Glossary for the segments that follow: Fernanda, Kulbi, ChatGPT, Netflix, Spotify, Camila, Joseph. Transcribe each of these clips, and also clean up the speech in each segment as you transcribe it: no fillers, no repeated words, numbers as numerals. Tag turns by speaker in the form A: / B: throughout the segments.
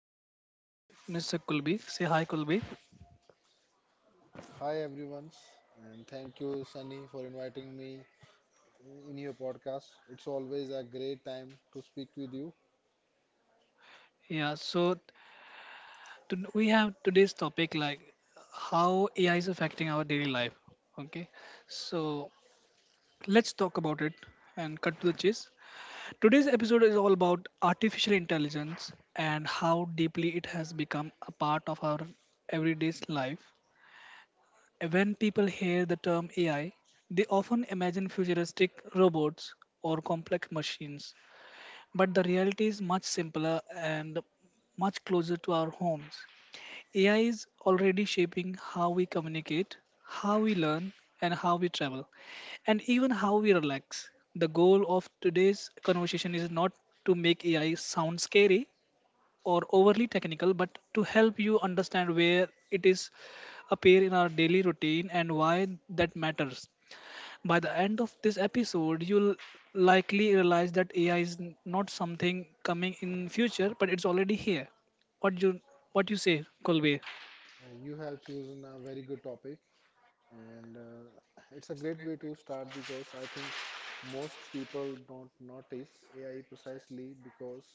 A: I am with Mr. Kulbi. Say hi Kulbi.
B: Hi everyone, and thank you Sunny for inviting me in your podcast. It's always a great time to speak with you.
A: Yeah, we have today's topic like how AI is affecting our daily life. Okay, so let's talk about it and cut to the chase. Today's episode is all about artificial intelligence and how deeply it has become a part of our everyday's life. When people hear the term AI, they often imagine futuristic robots or complex machines. But the reality is much simpler and much closer to our homes. AI is already shaping how we communicate, how we learn, and how we travel, and even how we relax. The goal of today's conversation is not to make AI sound scary or overly technical, but to help you understand where it is appear in our daily routine and why that matters. By the end of this episode, you'll likely realize that AI is not something coming in future, but it's already here. What you what you say, Kolbe?
B: And you have chosen a very good topic, and it's a great way to start because I think most people don't notice AI precisely because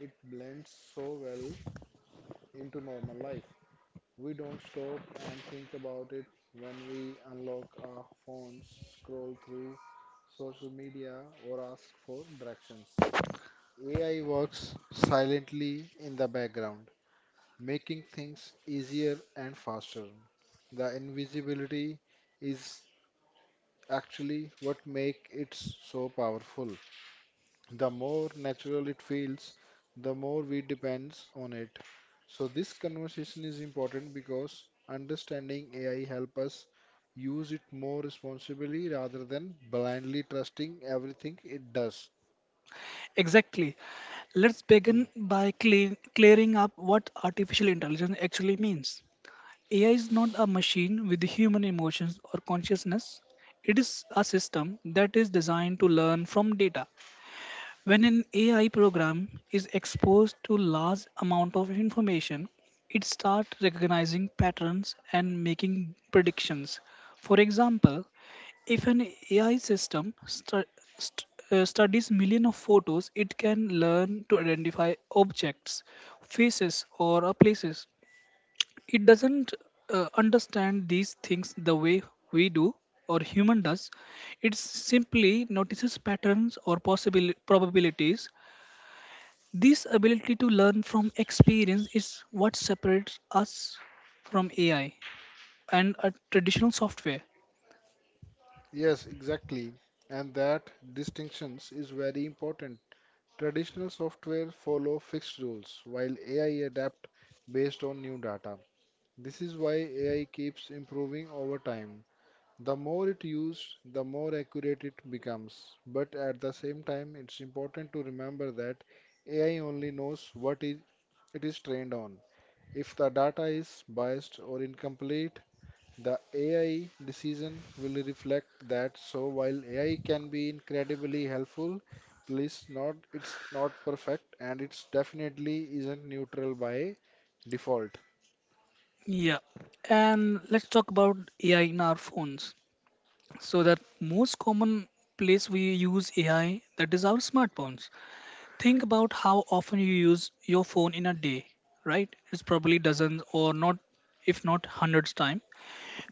B: it blends so well into normal life. We don't stop and think about it when we unlock our phones, scroll through social media, or ask for directions. AI works silently in the background, making things easier and faster. The invisibility is actually what makes it so powerful. The more natural it feels, the more we depend on it. So this conversation is important because understanding AI help us use it more responsibly rather than blindly trusting everything it does.
A: Exactly. Let's begin by clearing up what artificial intelligence actually means. AI is not a machine with human emotions or consciousness. It is a system that is designed to learn from data. When an AI program is exposed to large amount of information, it starts recognizing patterns and making predictions. For example, if an AI system studies millions of photos, it can learn to identify objects, faces, or places. It doesn't understand these things the way we do or human does. It simply notices patterns or possible probabilities. This ability to learn from experience
B: Restrictions.
A: is what separates us from AI and a traditional software.
B: Yes, exactly. And that distinctions is very important. Traditional software follow fixed rules, while AI adapt based on new data. This is why AI keeps improving over time. The more it used, the more accurate it becomes. But at the same time, it's important to remember that AI only knows what is it is trained on. If the data is biased or incomplete, the AI decision will reflect that. So while AI can be incredibly helpful, please not it's not perfect and it's definitely isn't neutral by default.
A: Yeah, and let's talk about AI in our phones. So the most common place we use AI, that is our smartphones. Think about how often you use your phone in a day, right? It's probably dozens, or not, if not hundreds time.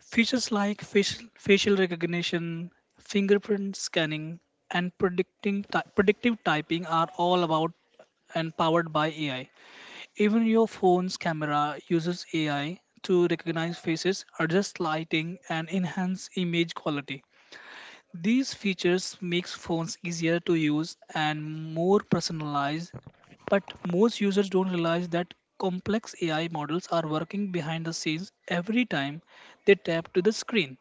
A: Features like facial recognition, fingerprint scanning, and predictive typing are all about and powered by AI. Even your phone's camera uses AI to recognize faces, adjust lighting, and enhance image quality. These features makes phones easier to use and more personalized, but most users don't realize that complex AI models are working behind the scenes every time they tap to the screen.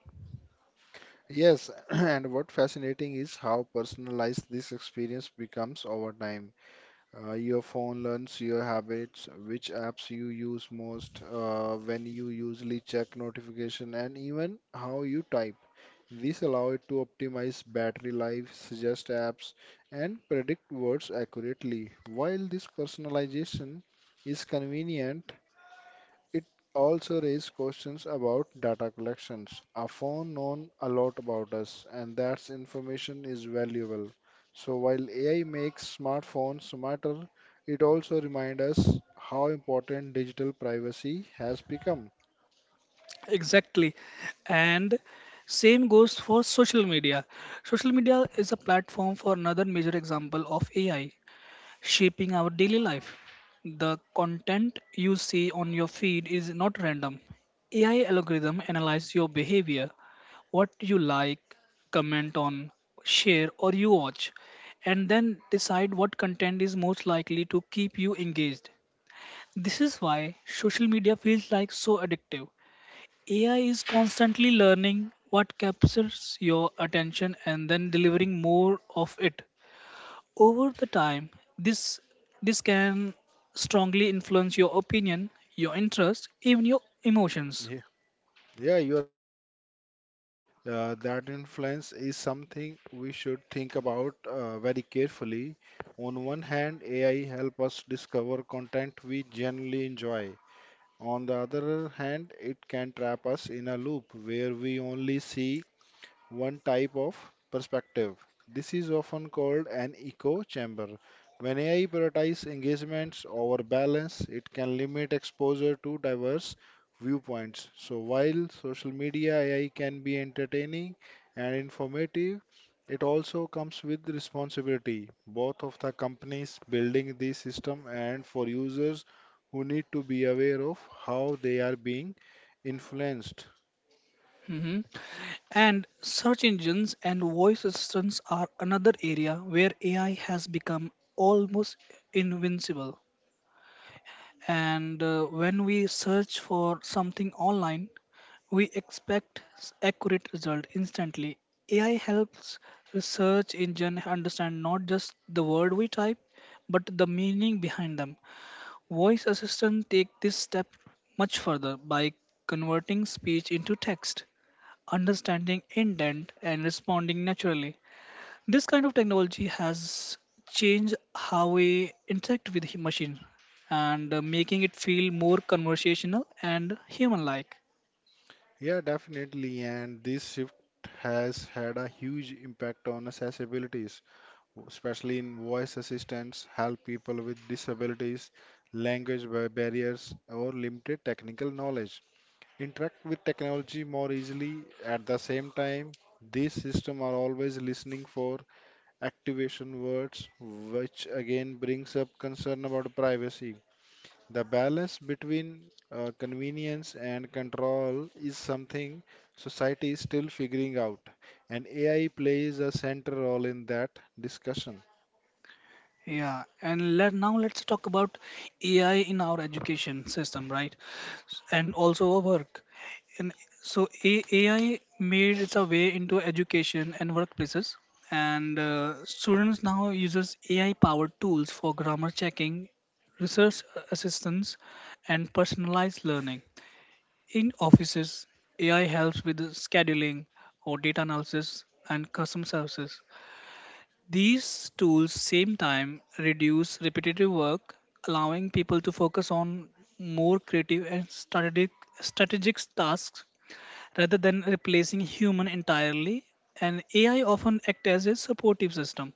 B: Yes, and what fascinating is how personalized this experience becomes over time. Your phone learns your habits, which apps you use most, when you usually check notification, and even how you type. This allows it to optimize battery life, suggest apps, and predict words accurately. While this personalization is convenient, it also raises questions about data collections. Our phone knows a lot about us, and that information is valuable. So while AI makes smartphones smarter, it also reminds us how important digital privacy has become.
A: Exactly. And same goes for social media. Social media is a platform for another major example of AI shaping our daily life. The content you see on your feed is not random. AI algorithm analyze your behavior, what you like, comment on, share or you watch, and then decide what content is most likely to keep you engaged. This is why social media feels like so addictive. AI is constantly learning what captures your attention and then delivering more of it. Over the time, this this can strongly influence your opinion, your interest, even your emotions.
B: Yeah, you're absolutely right, Sunny. That influence is something we should think about very carefully. On one hand, AI help us discover content we genuinely enjoy. On the other hand, it can trap us in a loop where we only see one type of perspective. This is often called an echo chamber. When AI prioritizes engagements over balance, it can limit exposure to diverse viewpoints. So, while social media AI can be entertaining and informative, it also comes with responsibility, both of the companies building the system and for users who need to be aware of how they are being influenced.
A: Mhm. And search engines and voice assistants are another area where AI has become almost invincible. And When we search for something online, we expect accurate result instantly. AI helps research engine understand not just the word we type, but the meaning behind them. Voice assistant take this step much further by converting speech into text, understanding intent and responding naturally. This kind of technology has changed how we interact with the machine, and making it feel more conversational and human like.
B: Yeah, definitely. And this shift has had a huge impact on accessibilities, especially in voice assistants, help people with disabilities, barriers, or limited technical knowledge. Interact with technology more easily. At the same time, these systems are always listening for activation words, which again brings up concern about privacy. The balance between convenience and control is something society is still figuring out, and AI plays a central role in that discussion.
A: Yeah, and let's talk about AI in our education system, right? And also our work. And so AI made its a way into education and workplaces, and students now uses AI-powered tools for grammar checking, research assistance, and personalized learning. In offices, AI helps with the scheduling or data analysis and custom services. These tools same time reduce repetitive work, allowing people to focus on more creative and strategic tasks rather than replacing human entirely. And AI often act as a supportive system.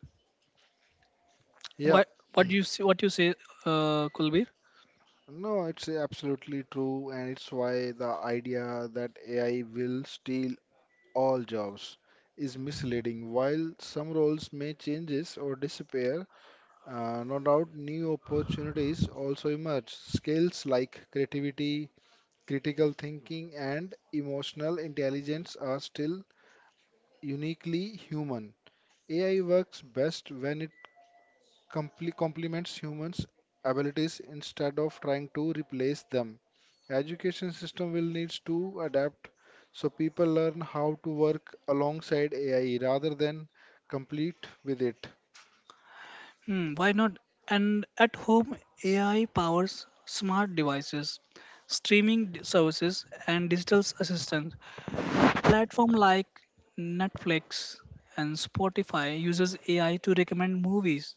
B: Yeah,
A: What what do you say, what you say, Kulbir?
B: no, it's absolutely true, and it's why the idea that AI will steal all jobs is misleading. While some roles may changes or disappear, no doubt new opportunities also emerge. Skills like creativity, critical thinking, and emotional intelligence are still uniquely human. AI works best when it complements humans' abilities instead of trying to replace them. Education system will needs to adapt so people learn how to work alongside AI rather than complete with it.
A: Hmm, why not? And at home, AI powers smart devices, services, and digital assistants. Platform like Netflix and Spotify uses AI to recommend movies,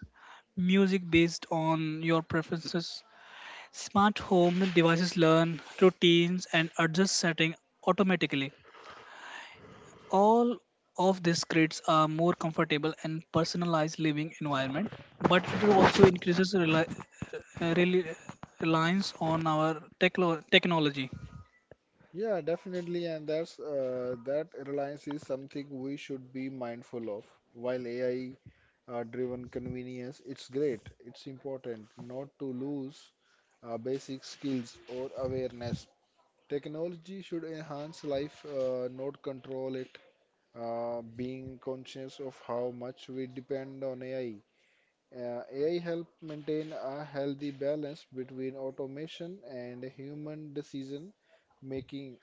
A: music based on your preferences. Smart home devices learn routines and adjust setting automatically. All of this creates a more comfortable and personalized living environment, but it also increases uh, reli- uh, reliance on our technology.
B: Yeah, definitely, and that's that reliance is something we should be mindful of. While AI driven convenience, it's great, it's important not to lose basic skills or awareness. Technology should enhance life, not control it. Being conscious of how much we depend on AI. AI help maintain a healthy balance between automation and human decision making.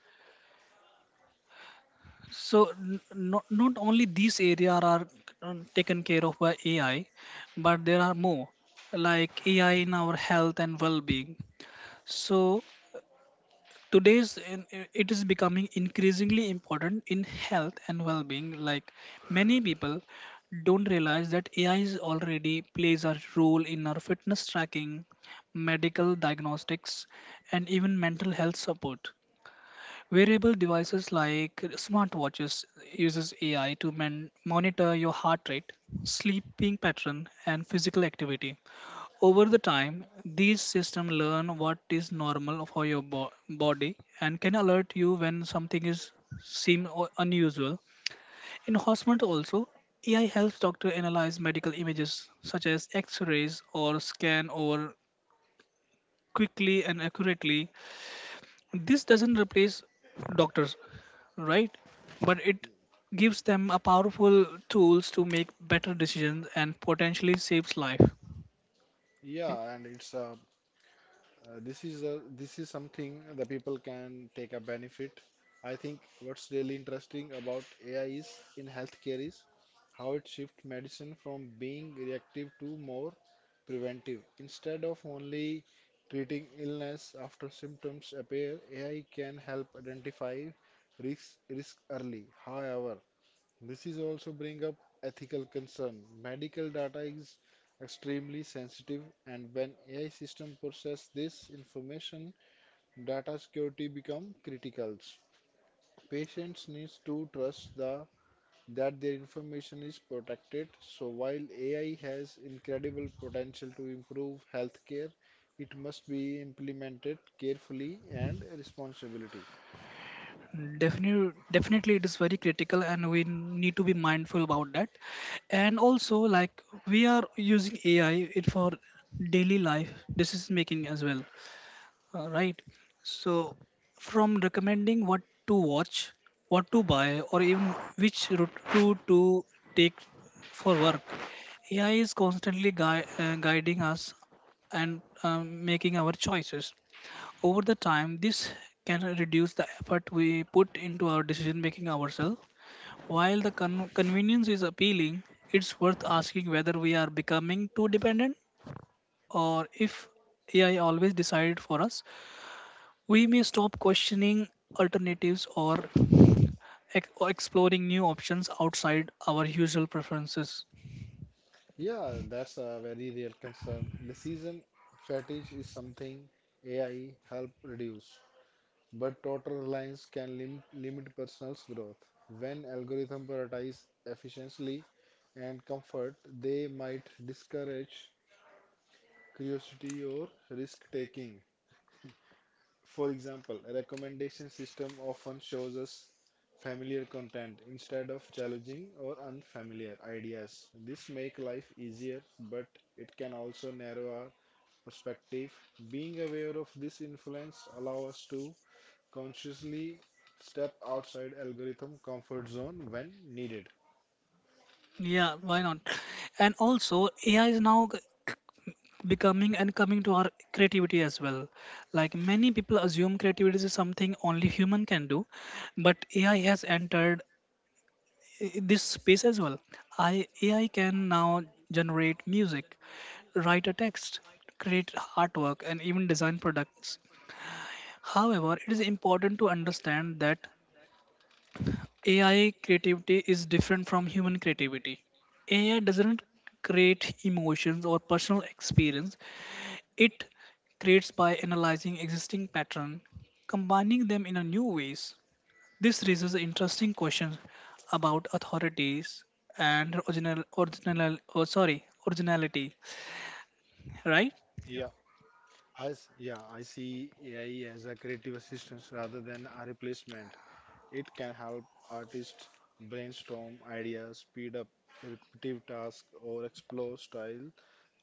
A: So not only these area are taken care of by AI, but there are more, like AI in our health and well-being. So it is becoming increasingly important in health and well-being. Like many people don't realize that AI is already plays a role in our fitness tracking, medical diagnostics, and even mental health support. Wearable devices like smartwatches uses AI to monitor your heart rate, sleeping pattern, and physical activity. Over the time, these systems learn what is normal for your body and can alert you when something is unusual. In hospital also, AI helps doctor analyze medical images such as X-rays or scan over quickly and accurately. This doesn't replace doctors, right? But it gives them a powerful tools to make better decisions and potentially saves life.
B: Yeah, and it's this is something the people can take a benefit. I think what's really interesting about AI is in healthcare is how it shifts medicine from being reactive to more preventive. Instead of only treating illness after symptoms appear, AI can help identify risk early. However, this is also bring up ethical concern. Medical data is extremely sensitive, and when AI system process this information, data security become critical. Patients needs to trust the that their information is protected. So while AI has incredible potential to improve healthcare, it must be implemented carefully and responsibility.
A: Definitely, definitely, it is very critical, and we need to be mindful about that. And also, like, we are using AI in for daily life decision making as well. Right. So from recommending what to watch, what to buy, or even which route to take for work, AI is constantly guiding us and making our choices. Over the time, this can reduce the effort we put into our decision making ourselves. While the convenience is appealing, it's worth asking whether we are becoming too dependent, or if AI always decided for us. We may stop questioning alternatives, or or exploring new options outside our usual preferences.
B: Yeah, that's a very real concern. Decision fatigue is something AI help reduce, but total reliance can limit personal growth. When algorithm prioritize efficiency and comfort, they might discourage curiosity or risk taking. For example, a recommendation system often shows us familiar content instead of challenging or unfamiliar ideas. This makes life easier, but it can also narrow our perspective. Being aware of this influence allows us to consciously step outside algorithm comfort zone when needed.
A: Yeah, why not? And also, AI is now becoming and coming to our creativity as well. Like many people assume creativity is something only human can do, but AI has entered this space as well. AI can now generate music, write a text, create artwork, and even design products. However, it is important to understand that AI creativity is different from human creativity. AI doesn't create emotions or personal experience, it creates by analyzing existing patterns, combining them in a new ways. This raises interesting questions about authorities and originality, right?
B: Yeah, yeah, I see AI as a creative assistance rather than a replacement. It can help artists brainstorm ideas, speed up repetitive tasks, or explore style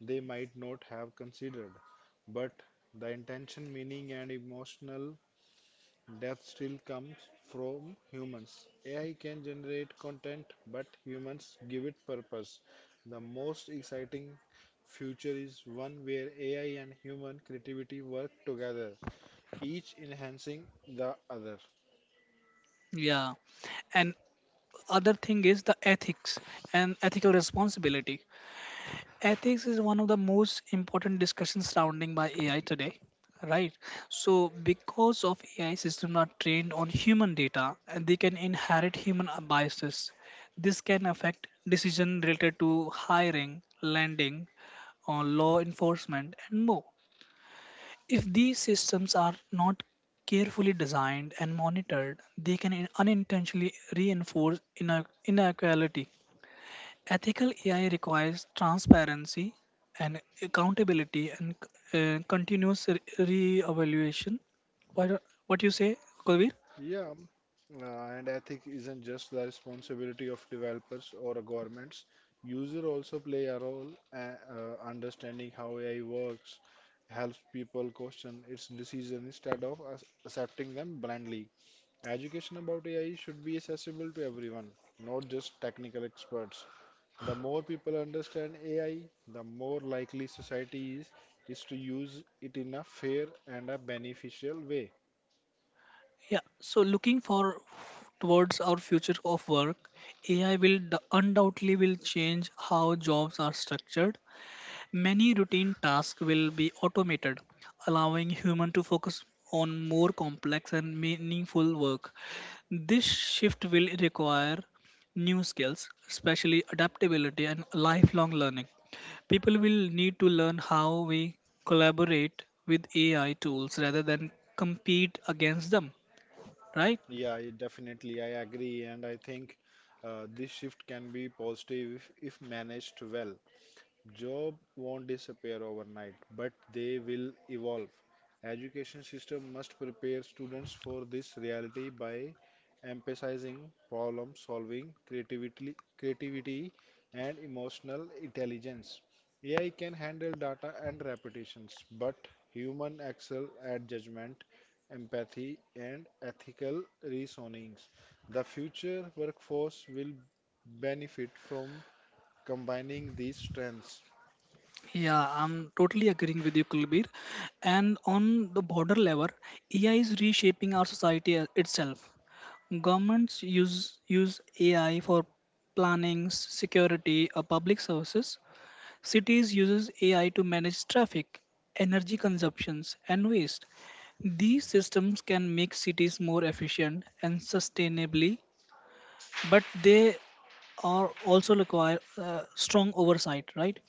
B: they might not have considered. But the intention, meaning, and emotional Death still comes from humans. AI can generate content, but humans give it purpose. The most exciting future is one where AI and human creativity work together, each enhancing the other.
A: Yeah. And other thing is the ethics and ethical responsibility. Ethics is one of the most important discussions surrounding by AI today, right? So because of AI systems are trained on human data and they can inherit human biases. This can affect decision related to hiring, lending, or law enforcement and more. If these systems are not carefully designed and monitored, they can unintentionally reinforce inequality. Ethical AI requires transparency and accountability and continuous re-evaluation. What, what you say, Kolvir?
B: Yeah, um, and ethics isn't just the responsibility of developers or governments. User also play a role. Understanding how AI works helps people question its decision instead of accepting them blindly. Education about AI should be accessible to everyone, not just technical experts. The more people understand AI, the more likely is to use it in a fair and a beneficial way.
A: Yeah. So looking for towards our future of work, AI will d- undoubtedly will change how jobs are structured. Many routine tasks will be automated, allowing human to focus on more complex and meaningful work. This shift will require new skills, especially adaptability and lifelong learning. People will need to learn how we collaborate with AI tools rather than compete against them, right?
B: Yeah, yeah, definitely. I agree. And I think this shift can be positive if managed well. Job won't disappear overnight, but they will evolve. Education system must prepare students for this reality by emphasizing problem solving, creativity and emotional intelligence. AI can handle data and repetitions, but human excel at judgment, empathy and ethical reasonings. The future workforce will benefit from combining these strengths.
A: Yeah, I'm totally agreeing with you, Kulbir. And on the border level, AI is reshaping our society itself. Governments use AI for planning, security, or public services. Cities uses AI to manage traffic, energy consumptions, and waste. These systems can make cities more efficient and sustainably, but they are also require strong oversight, right?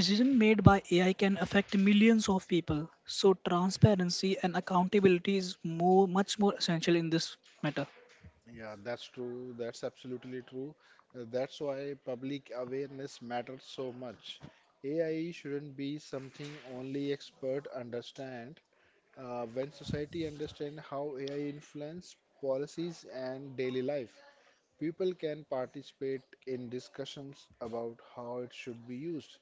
A: Decision made by AI can affect millions of people, so transparency and accountability is more much more essential in this matter.
B: Yeah, that's true. That's absolutely true. That's why public awareness matters so much. AI shouldn't be something only expert understand. When society understand how AI influence policies and daily life, people can participate in discussions about how it should be used.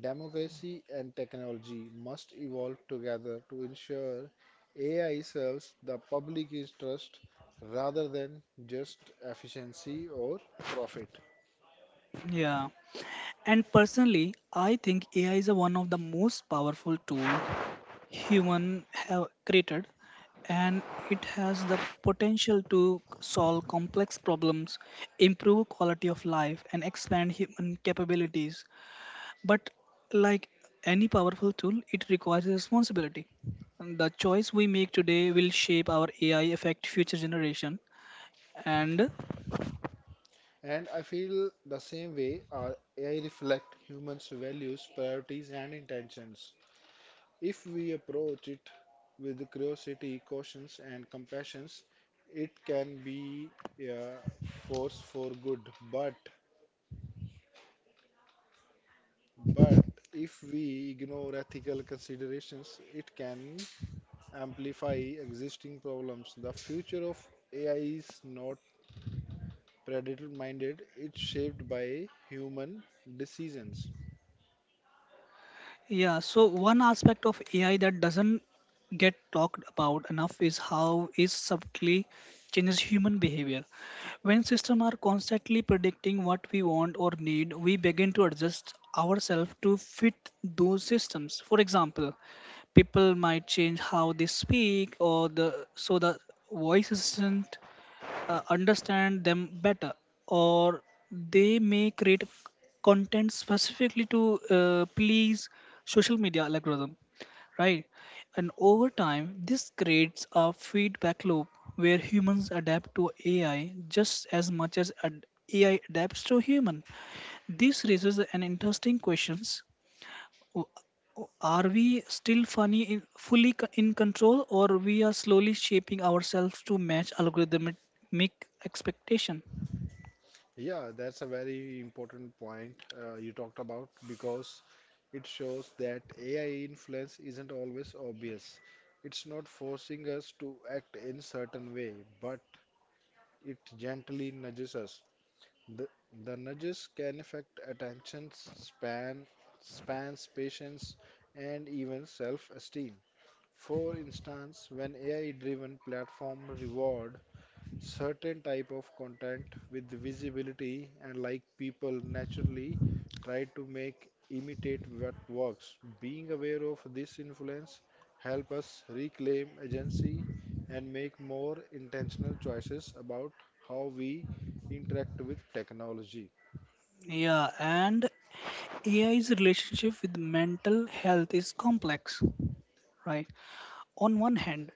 B: Democracy and technology must evolve together to ensure AI serves the public interest rather than just efficiency or profit.
A: Yeah. And personally, I think AI is a one of the most powerful tools human have created, and it has the potential to solve complex problems, improve quality of life and expand human capabilities. But like any powerful tool, it requires responsibility. And the choice we make today will shape our AI affect future generation and...
B: And I feel the same way our AI reflect humans' values, priorities and intentions. If we approach it with curiosity, caution, and compassion, it can be a force for good. But if we ignore ethical considerations, it can amplify existing problems. The future of AI is not predator-minded; it's shaped by human decisions.
A: Yeah, so one aspect of AI that doesn't get talked about enough is how it subtly changes human behavior. When systems are constantly predicting what we want or need, we begin to adjust ourselves to fit those systems. For example, people might change how they speak or the so the voice assistant understand them better, or they may create content specifically to please social media algorithm, right? And over time this creates a feedback loop where humans adapt to AI just as much as AI adapts to human. This raises an interesting questions. W- Are we still in control, or we are slowly shaping ourselves to match algorithmic expectation?
B: Yeah, that's a very important point you talked about because it shows that AI influence isn't always obvious. It's not forcing us to act in certain way, but it gently nudges us. The, the nudges can affect spans, patience, and even self-esteem. For instance, when AI-driven platform reward certain type of content with visibility and like people naturally try to make imitate what works, being aware of this influence help us reclaim agency and make more intentional choices about how we interact with technology.
A: Yeah, and AI's relationship with mental health is complex, right? On one hand,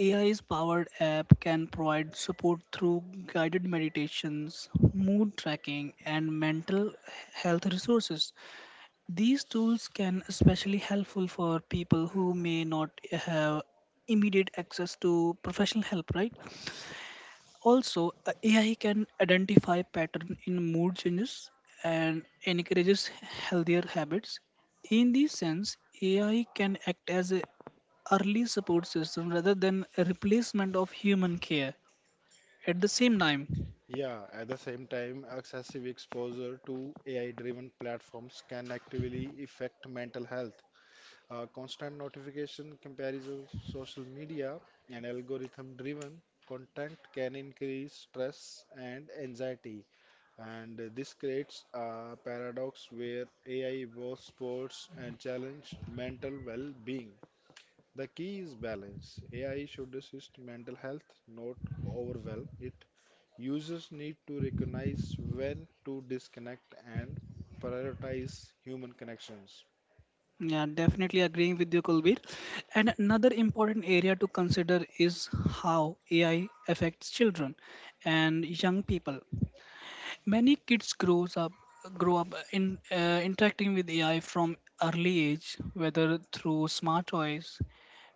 A: AI's powered app can provide support through guided meditations, mood tracking, and mental health resources. These tools can especially helpful for people who may not have immediate access to professional help, right? Also, AI can identify pattern in mood changes and encourages healthier habits. In this sense, AI can act as a early support system rather than a replacement of human care. At the same time,
B: Yeah, at the same time excessive exposure to AI driven platforms can actively affect mental health. Constant notification, comparison, of social media, and algorithm driven content can increase stress and anxiety. And this creates a paradox where AI both supports and challenge mental well being. The key is balance. AI should assist mental health, not overwhelm it. Users need to recognize when to disconnect and prioritize human connections.
A: yeah, definitely agreeing with you, Kulbir. And another important area to consider is how AI affects children and young people. Many kids grows up Grow up in interacting with AI from early age, whether through smart toys,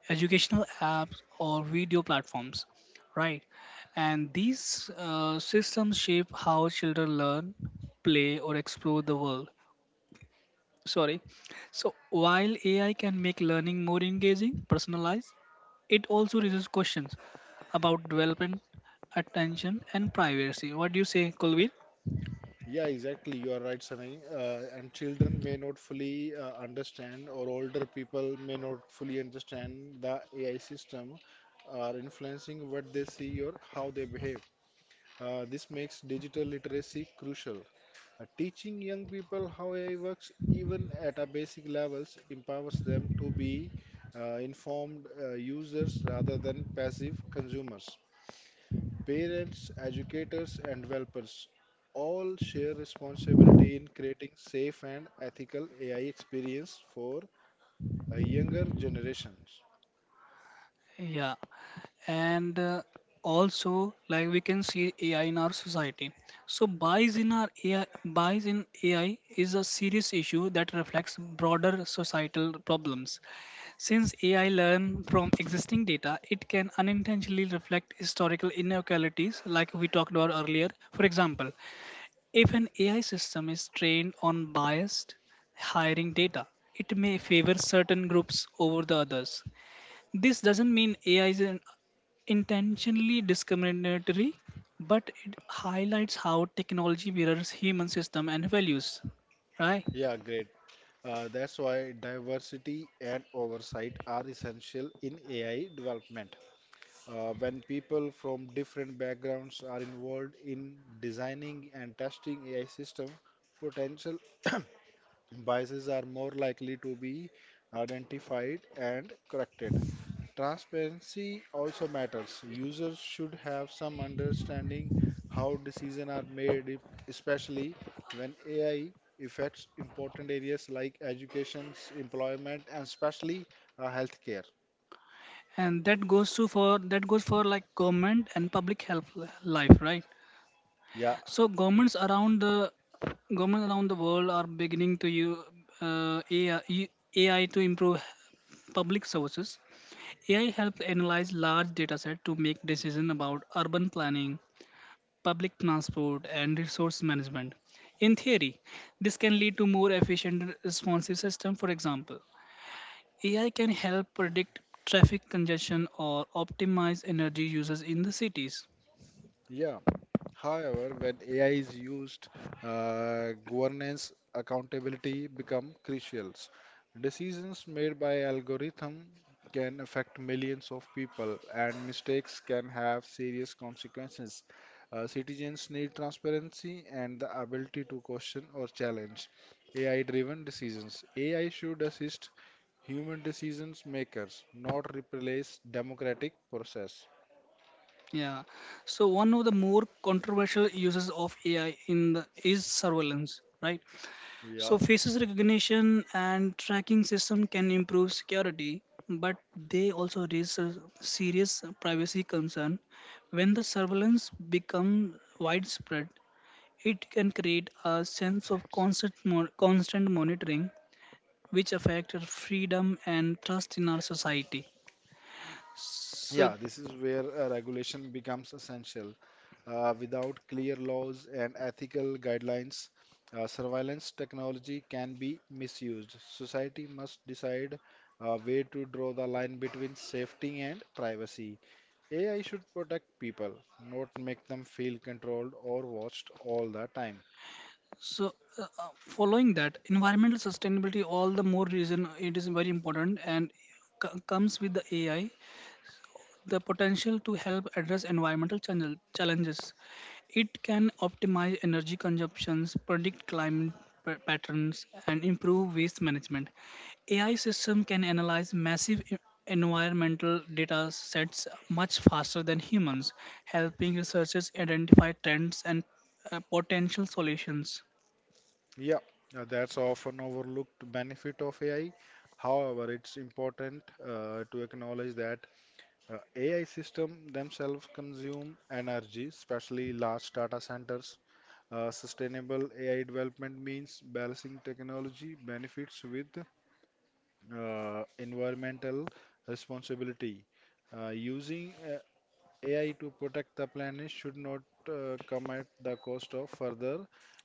A: educational apps, or video platforms, right? And these systems shape how children learn, play, or explore the world. Sorry, so while AI can make learning more engaging personalized, it also raises questions about development, attention and privacy. What do you say, Kulveer?
B: Yeah, exactly. You are right, Sunny. And children may not fully understand, or older people may not fully understand the AI system are influencing what they see or how they behave. This makes digital literacy crucial. Teaching young people how AI works, even at a basic levels, empowers them to be informed users rather than passive consumers. Parents, educators, and developers all share responsibility in creating safe and ethical AI experience for younger generations.
A: Yeah, and also like we can see AI in our society. so bias in our ai Bias in AI is a serious issue that reflects broader societal problems. Since AI learn from existing data, it can unintentionally reflect historical inequalities like we talked about earlier. For example, if an AI system is trained on biased hiring data, it may favor certain groups over the others. This doesn't mean AI is intentionally discriminatory, but it highlights how technology mirrors human system and values, right?
B: Yeah, great. That's why diversity and oversight are essential in AI development. When people from different backgrounds are involved in designing and testing AI system, potential biases are more likely to be identified and corrected. Transparency also matters. Users should have some understanding how decisions are made, especially when AI affects important areas like education, employment, and especially healthcare.
A: And that goes for like government and public health life, right?
B: Yeah.
A: So governments around the world are beginning to use AI, to improve public services. AI helps analyze large data set to make decisions about urban planning, public transport, and resource management. In theory, this can lead to more efficient responsive system. For example, AI can help predict traffic congestion or optimize energy uses in the cities.
B: Yeah, however, when AI is used, governance accountability become crucial. Decisions made by algorithm can affect millions of people, and mistakes can have serious consequences. Citizens need transparency and the ability to question or challenge AI-driven decisions. AI should assist human decisions makers, not replace democratic process.
A: Yeah. So one of the more controversial uses of AI in the is surveillance, right?
B: Yeah.
A: So faces recognition and tracking system can improve security, but they also raise a serious privacy concern. When the surveillance becomes widespread, it can create a sense of constant constant monitoring, which affects freedom and trust in our society. So,
B: Yeah, this is where regulation becomes essential. Without clear laws and ethical guidelines, surveillance technology can be misused. Society must decide where to draw the line between safety and privacy. AI should protect people, not make them feel controlled or watched all the time.
A: So, following that, environmental sustainability, all the more reason it is very important and comes with the AI the potential to help address environmental challenges. It can optimize energy consumptions, predict climate patterns, and improve waste management. AI system can analyze massive environmental data sets much faster than humans, helping researchers identify trends and potential solutions.
B: Yeah, that's often overlooked benefit of AI. However, it's important to acknowledge that AI systems themselves consume energy, especially large data centers. Sustainable AI development means balancing technology benefits with environmental responsibility. Using AI to protect the planet should not come at the cost of further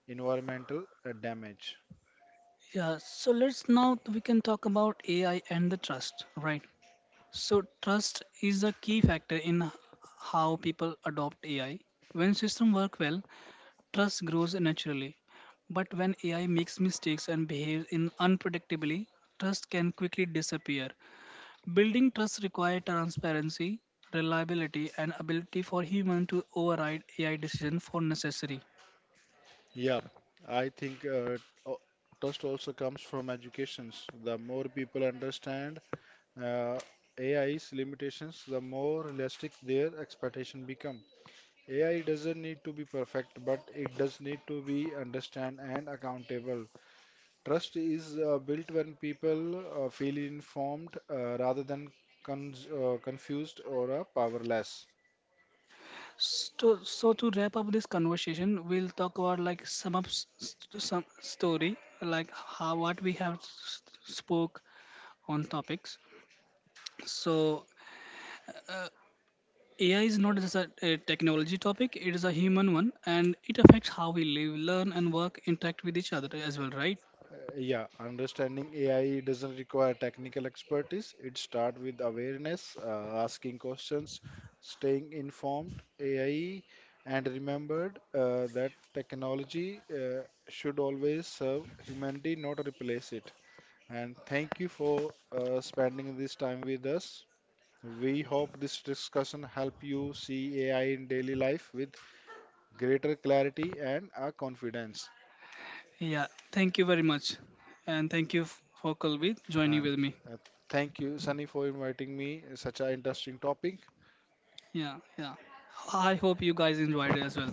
B: environmental damage.
A: Yeah, so let's now we can talk about AI and the trust, right? So trust is a key factor in how people adopt AI. When systems work well, trust grows naturally. But when AI makes mistakes and behaves in unpredictably, trust can quickly disappear. Building trust requires transparency, reliability, and ability for human to override AI decision for necessary.
B: Yeah, I think o- trust also comes from educations. The more people understand uh, AI's limitations, the more realistic their expectation become. AI doesn't need to be perfect, but it does need to be understand and accountable. Trust is built when people feel informed rather than confused or powerless.
A: So, to wrap up this conversation, we'll talk about like some some story, like how what we have spoke on topics. So, uh, AI is not just a technology topic; it is a human one, and it affects how we live, learn, and work, interact with each other as well, right?
B: Yeah, understanding AI doesn't require technical expertise. It starts with awareness, asking questions, staying informed, AI, and remembered that technology should always serve humanity, not replace it. And thank you for spending this time with us. We hope this discussion help you see AI in daily life with greater clarity and confidence.
A: Yeah. Thank you very much, and thank you for Kalvi joining
B: And
A: with me.
B: uh, thank you, Sunny, for inviting me. It's such an interesting topic.
A: Yeah, yeah. I hope you guys enjoyed it as well.